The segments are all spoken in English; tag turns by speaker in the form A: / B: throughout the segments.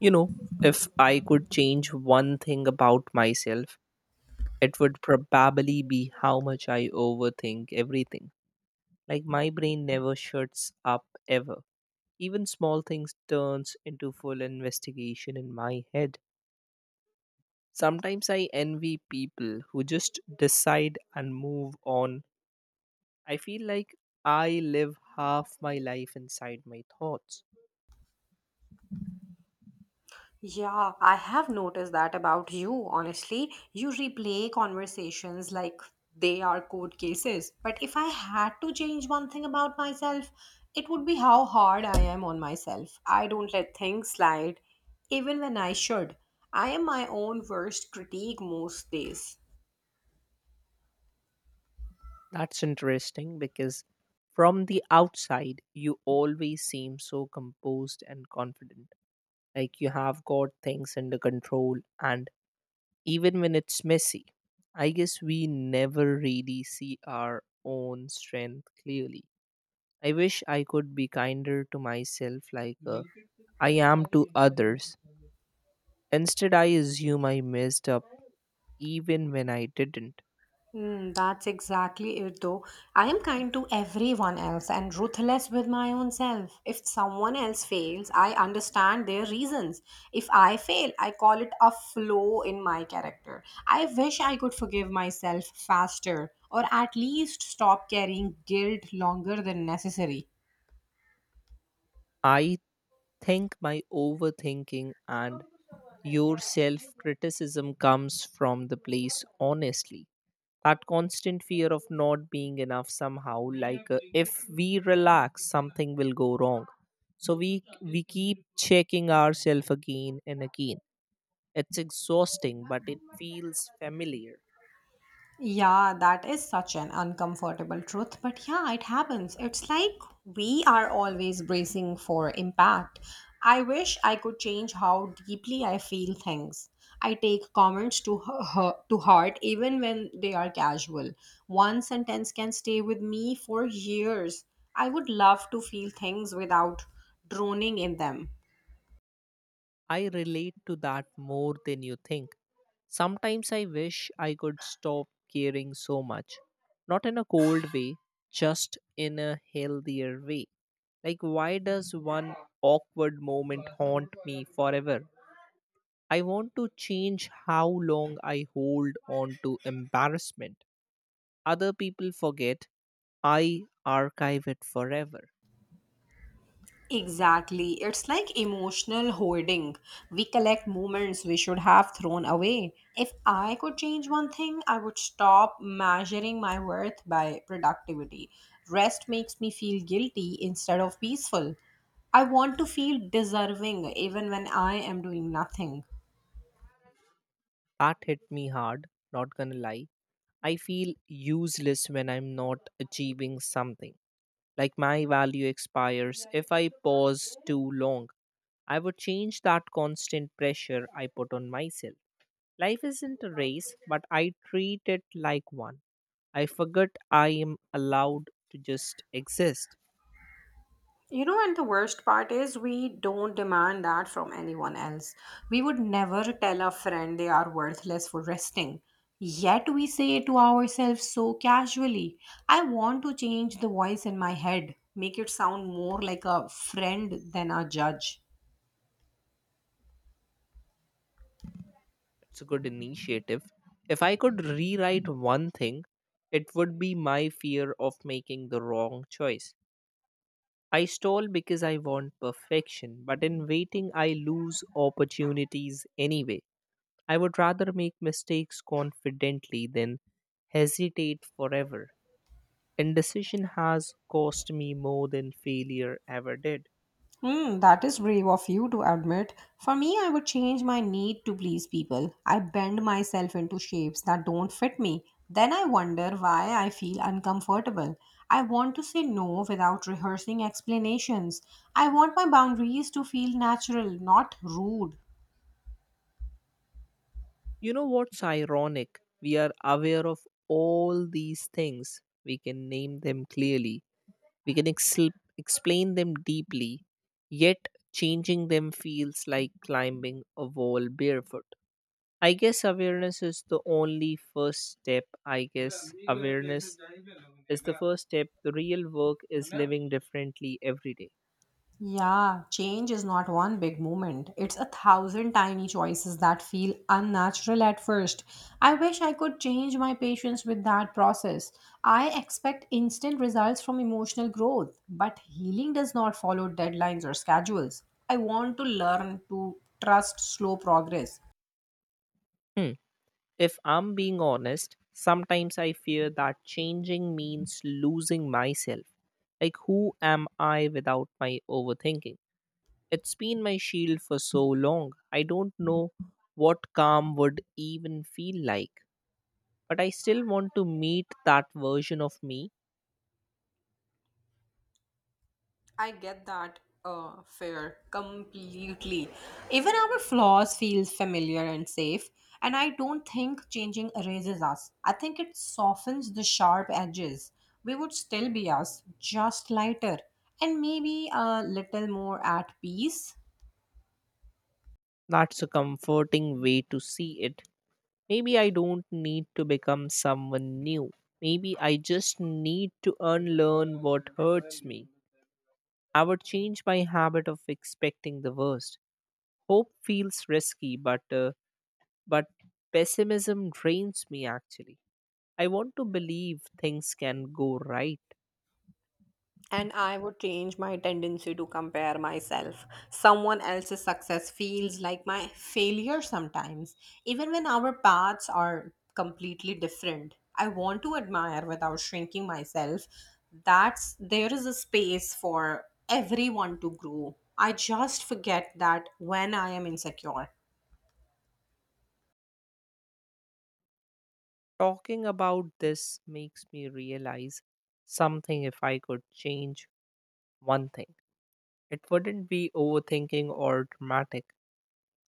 A: You know, if I could change one thing about myself, it would probably be how much I overthink everything. Like my brain never shuts up ever. Even small things turns into full investigation in my head. Sometimes I envy people who just decide and move on. I feel like I live half my life inside my thoughts.
B: Yeah, I have noticed that about you, honestly. You replay conversations like they are court cases. But if I had to change one thing about myself, it would be how hard I am on myself. I don't let things slide, even when I should. I am my own worst critique most days.
A: That's interesting because from the outside, you always seem so composed and confident. Like you have got things under control, and even when it's messy, I guess we never really see our own strength clearly. I wish I could be kinder to myself, like I am to others. Instead, I assume I messed up even when I didn't.
B: Mm, that's exactly it, though. I am kind to everyone else and ruthless with my own self. If someone else fails, I understand their reasons. If I fail, I call it a flaw in my character. I wish I could forgive myself faster or at least stop carrying guilt longer than necessary.
A: I think my overthinking and your self criticism comes from the place, honestly. That constant fear of not being enough somehow, like, if we relax, something will go wrong. So we keep checking ourselves again and again. It's exhausting, but it feels familiar.
B: Yeah, that is such an uncomfortable truth, but yeah, it happens. It's like we are always bracing for impact. I wish I could change how deeply I feel things. I take comments to her, to heart even when they are casual. One sentence can stay with me for years. I would love to feel things without droning in them.
A: I relate to that more than you think. Sometimes I wish I could stop caring so much. Not in a cold way, just in a healthier way. Like, why does one awkward moment haunt me forever? I want to change how long I hold on to embarrassment. Other people forget, I archive it forever.
B: Exactly. It's like emotional hoarding. We collect moments we should have thrown away. If I could change one thing, I would stop measuring my worth by productivity. Rest makes me feel guilty instead of peaceful. I want to feel deserving even when I am doing nothing.
A: That hit me hard, not gonna lie. I feel useless when I'm not achieving something. Like my value expires if I pause too long. I would change that constant pressure I put on myself. Life isn't a race, but I treat it like one. I forget I am allowed to just exist.
B: You know, and the worst part is we don't demand that from anyone else. We would never tell a friend they are worthless for resting. Yet we say it to ourselves so casually. I want to change the voice in my head, make it sound more like a friend than a judge.
A: It's a good initiative. If I could rewrite one thing, it would be my fear of making the wrong choice. I stall because I want perfection, but in waiting, I lose opportunities anyway. I would rather make mistakes confidently than hesitate forever. Indecision has cost me more than failure ever did.
B: Hmm, that is brave of you to admit. For me, I would change my need to please people. I bend myself into shapes that don't fit me. Then I wonder why I feel uncomfortable. I want to say no without rehearsing explanations. I want my boundaries to feel natural, not rude.
A: You know what's ironic? We are aware of all these things. We can name them clearly, we can explain them deeply, yet changing them feels like climbing a wall barefoot. I guess awareness is the only first step. I guess awareness is the first step. The real work is living differently every day.
B: Yeah, change is not one big moment. It's a thousand tiny choices that feel unnatural at first. I wish I could change my patience with that process. I expect instant results from emotional growth, but healing does not follow deadlines or schedules. I want to learn to trust slow progress.
A: Hmm. If I'm being honest, sometimes I fear that changing means losing myself. Like, who am I without my overthinking? It's been my shield for so long. I don't know what calm would even feel like. But I still want to meet that version of me.
B: I get that fear completely. Even our flaws feel familiar and safe. And I don't think changing erases us. I think it softens the sharp edges. We would still be us, just lighter, and maybe a little more at peace.
A: That's a comforting way to see it. Maybe I don't need to become someone new. Maybe I just need to unlearn what hurts me. I would change my habit of expecting the worst. Hope feels risky, but pessimism drains me actually. I want to believe things can go right.
B: And I would change my tendency to compare myself. Someone else's success feels like my failure sometimes, even when our paths are completely different. I want to admire without shrinking myself. That's there is a space for everyone to grow. I just forget that when I am insecure.
A: Talking about this makes me realize something. If I could change one thing, it wouldn't be overthinking or dramatic.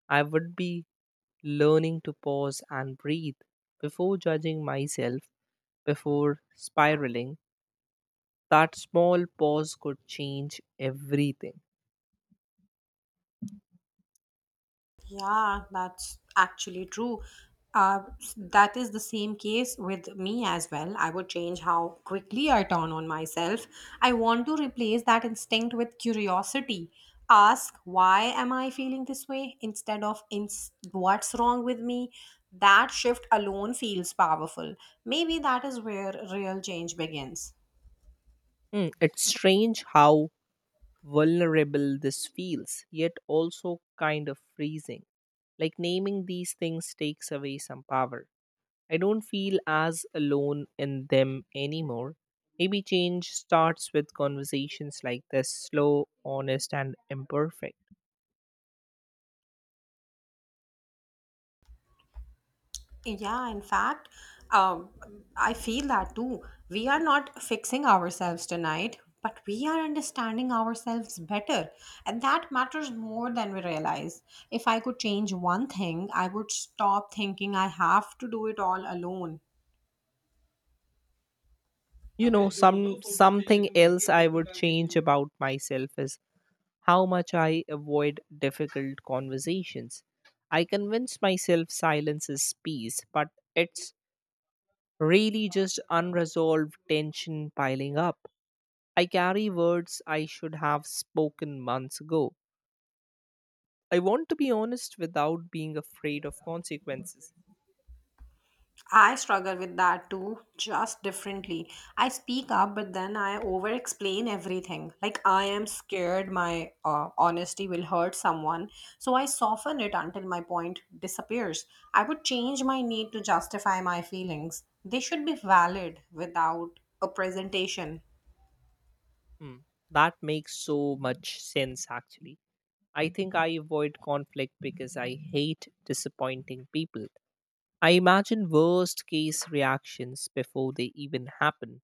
A: I would be learning to pause and breathe before judging myself, before spiraling. That small pause could change everything.
B: Yeah, that's actually true. That is the same case with me as well. I would change how quickly I turn on myself. I want to replace that instinct with curiosity. Ask, why am I feeling this way? Instead of, what's wrong with me? That shift alone feels powerful. Maybe that is where real change begins.
A: Hmm, it's strange how vulnerable this feels, yet also kind of freezing. Like naming these things takes away some power. I don't feel as alone in them anymore. Maybe change starts with conversations like this slow, honest, and imperfect.
B: Yeah, in fact, um, I feel that too. We are not fixing ourselves tonight, but we are understanding ourselves better. And that matters more than we realize. If I could change one thing, I would stop thinking I have to do it all alone.
A: Some something else I would change about myself is how much I avoid difficult conversations. I convince myself silence is peace, but it's really just unresolved tension piling up. I carry words I should have spoken months ago. I want to be honest without being afraid of consequences.
B: I struggle with that too, just differently. I speak up, but then I over explain everything. Like, I am scared my honesty will hurt someone, so I soften it until my point disappears. I would change my need to justify my feelings. They should be valid without a presentation.
A: Hmm, that makes so much sense actually. I think I avoid conflict because I hate disappointing people. I imagine worst case reactions before they even happen.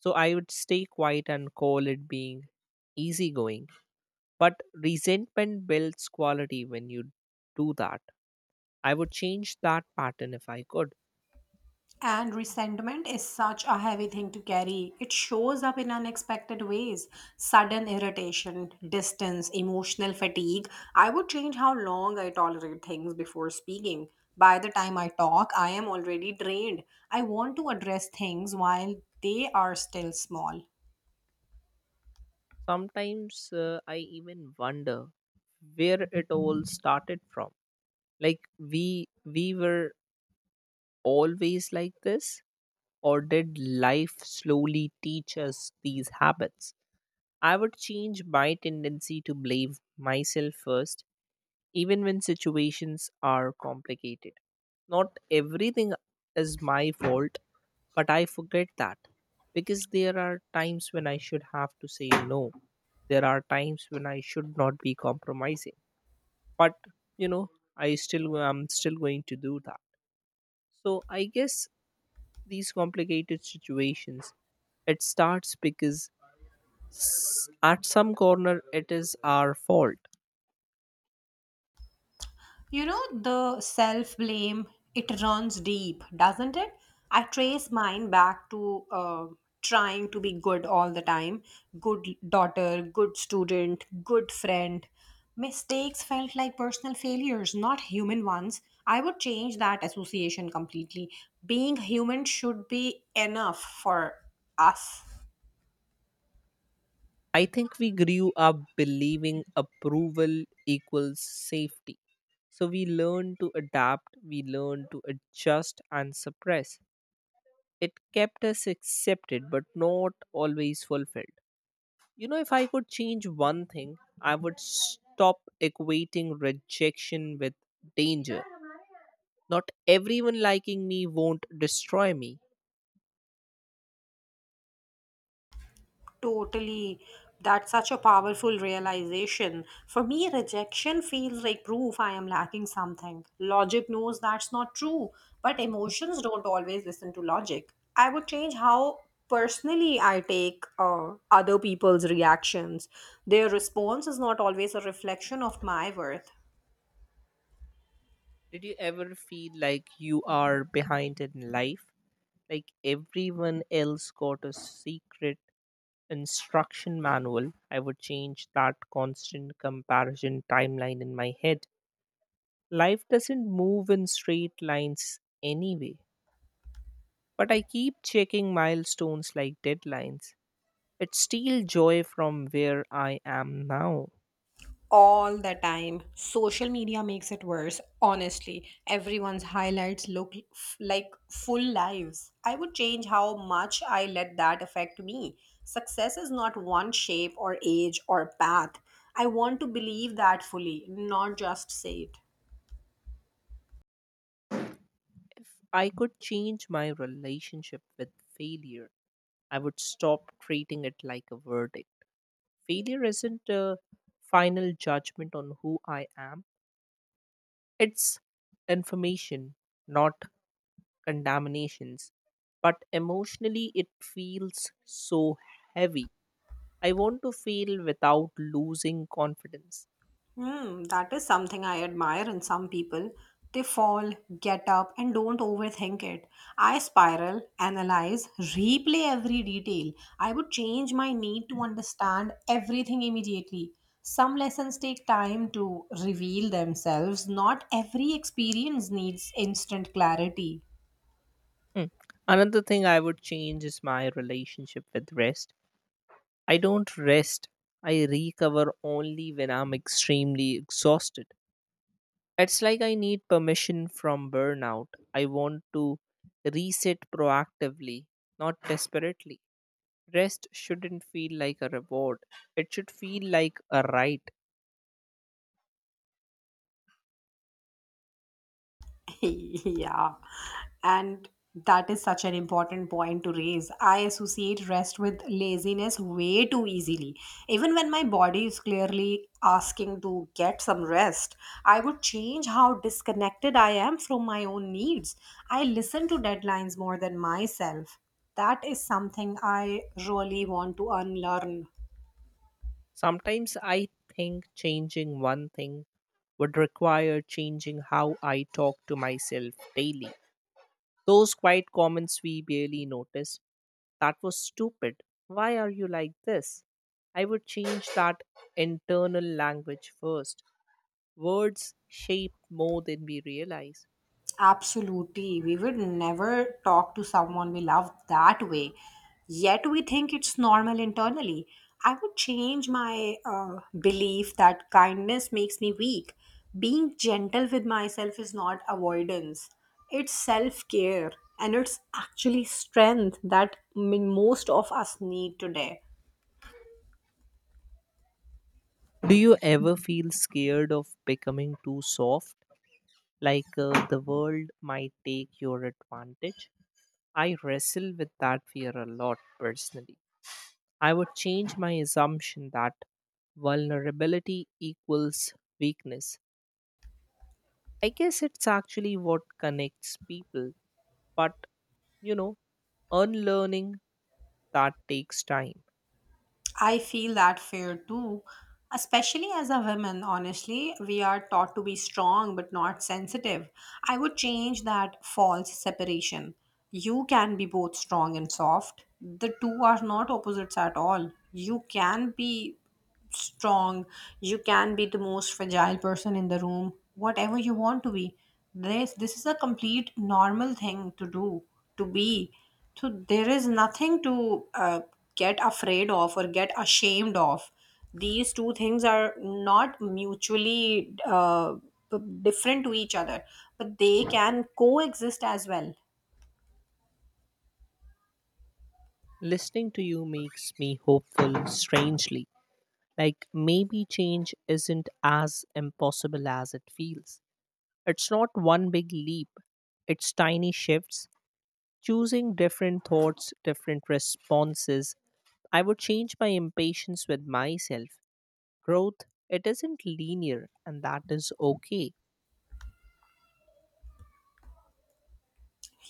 A: So I would stay quiet and call it being easygoing. But resentment builds quality when you do that. I would change that pattern if I could.
B: And resentment is such a heavy thing to carry. It shows up in unexpected ways sudden irritation, distance, emotional fatigue. I would change how long I tolerate things before speaking. By the time I talk, I am already drained. I want to address things while they are still small.
A: Sometimes I even wonder where it all started from. Like we were always like this, or did life slowly teach us these habits? I would change my tendency to blame myself first, even when situations are complicated. Not everything is my fault, but I forget that, because there are times when I should have to say no. There are times when I should not be compromising. But you know, I'm still going to do that. So I guess these complicated situations, it starts because at some corner it is our fault.
B: You know, the self blame, it runs deep, doesn't it? I trace mine back to trying to be good all the time good daughter, good student, good friend. Mistakes felt like personal failures, not human ones. I would change that association completely. Being human should be enough for us.
A: I think we grew up believing approval equals safety. So we learn to adapt, we learn to adjust and suppress. It kept us accepted but not always fulfilled. You know, if I could change one thing, I would stop equating rejection with danger. Not everyone liking me won't destroy me.
B: Totally. That's such a powerful realization. For me, rejection feels like proof I am lacking something. Logic knows that's not true, but emotions don't always listen to logic. I would change how personally I take other people's reactions. Their response is not always a reflection of my worth.
A: Did you ever feel like you are behind in life? Like everyone else got a secret instruction manual. I would change that constant comparison timeline in my head. Life doesn't move in straight lines anyway, but I keep checking milestones like deadlines. It steals joy from where I am now.
B: All the time. Social media makes it worse, honestly. Everyone's highlights look like full lives. I would change how much I let that affect me. Success is not one shape or age or path. I want to believe that fully, not just say it.
A: If I could change my relationship with failure, I would stop treating it like a verdict. Failure isn't a final judgment on who I am, it's information, not condemnations. But emotionally, it feels so heavy. I want to fail without losing confidence.
B: Hmm, that is something I admire in some people. They fall, get up, and don't overthink it. I spiral, analyze, replay every detail. I would change my need to understand everything immediately. Some lessons take time to reveal themselves. Not every experience needs instant clarity.
A: Hmm. Another thing I would change is my relationship with rest. I don't rest. I recover only when I'm extremely exhausted. It's like I need permission from burnout. I want to reset proactively, not desperately. Rest shouldn't feel like a reward, it should feel like a right.
B: Yeah. And that is such an important point to raise. I associate rest with laziness way too easily. Even when my body is clearly asking to get some rest, I would change how disconnected I am from my own needs. I listen to deadlines more than myself. That is something I really want to unlearn.
A: Sometimes I think changing one thing would require changing how I talk to myself daily. Those quiet comments we barely notice. That was stupid. Why are you like this? I would change that internal language first. Words shape more than we realize.
B: Absolutely. We would never talk to someone we love that way. Yet we think it's normal internally. I would change my belief that kindness makes me weak. Being gentle with myself is not avoidance, it's self care and it's actually strength that most of us need today.
A: Do you ever feel scared of becoming too soft? Like the world might take your advantage? I wrestle with that fear a lot personally. I would change my assumption that vulnerability equals weakness. I guess it's actually what connects people, but you know, unlearning that takes time.
B: I feel that fear too, especially as a woman, honestly. We are taught to be strong but not sensitive. I would change that false separation. You can be both strong and soft. The two are not opposites at all. You can be strong, you can be the most fragile person in the room, whatever you want to be. This is a complete normal thing to do, to be. So there is nothing to get afraid of or get ashamed of. These two things are not mutually different to each other, but they can coexist as well.
A: Listening to you makes me hopeful, strangely. Like maybe change isn't as impossible as it feels. It's not one big leap, it's tiny shifts, choosing different thoughts, different responses. I would change my impatience with myself. Growth, it isn't linear, and that is okay.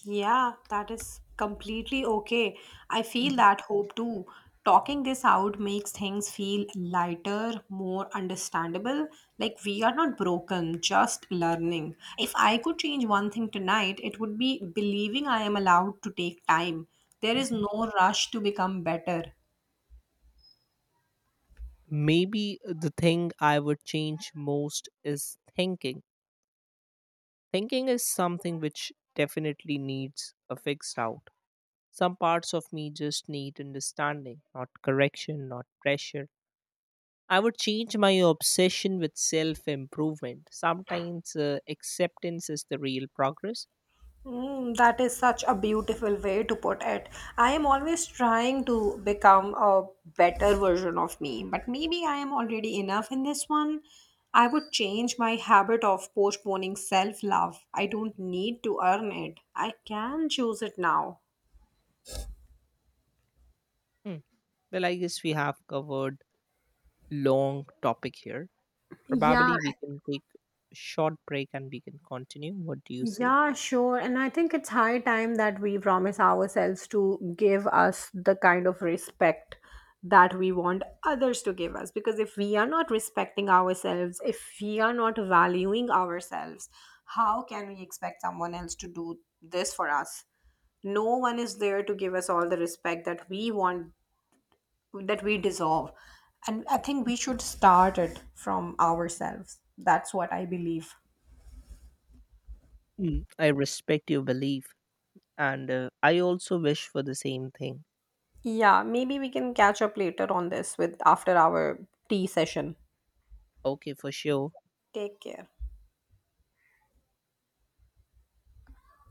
B: Yeah, that is completely okay. I feel that hope too. Talking this out makes things feel lighter, more understandable. Like we are not broken, just learning. If I could change one thing tonight, it would be believing I am allowed to take time. There is no rush to become better.
A: Maybe the thing I would change most is thinking. Thinking is something which definitely needs a fixed out. Some parts of me just need understanding, not correction, not pressure. I would change my obsession with self improvement. Sometimes acceptance is the real progress.
B: Mm, that is such a beautiful way to put it. I am always trying to become a better version of me, but maybe I am already enough in this one. I would change my habit of postponing self love. I don't need to earn it, I can choose it now.
A: Hmm. Well, I guess we have covered long topic here.
B: Yeah.
A: Probably we can take a short break and we can continue. What do you say?
B: Yeah, sure. And I think it's high time that we promise ourselves to give us the kind of respect that we want others to give us. Because if we are not respecting ourselves, if we are not valuing ourselves, how can we expect someone else to do this for us? No one is there to give us all the respect that we want, that we deserve. And I think we should start it from ourselves. That's what I believe.
A: Mm, I respect your belief, and I also wish for the same thing.
B: Yeah, maybe we can catch up later on this with after our tea session.
A: Okay, for sure.
B: Take care.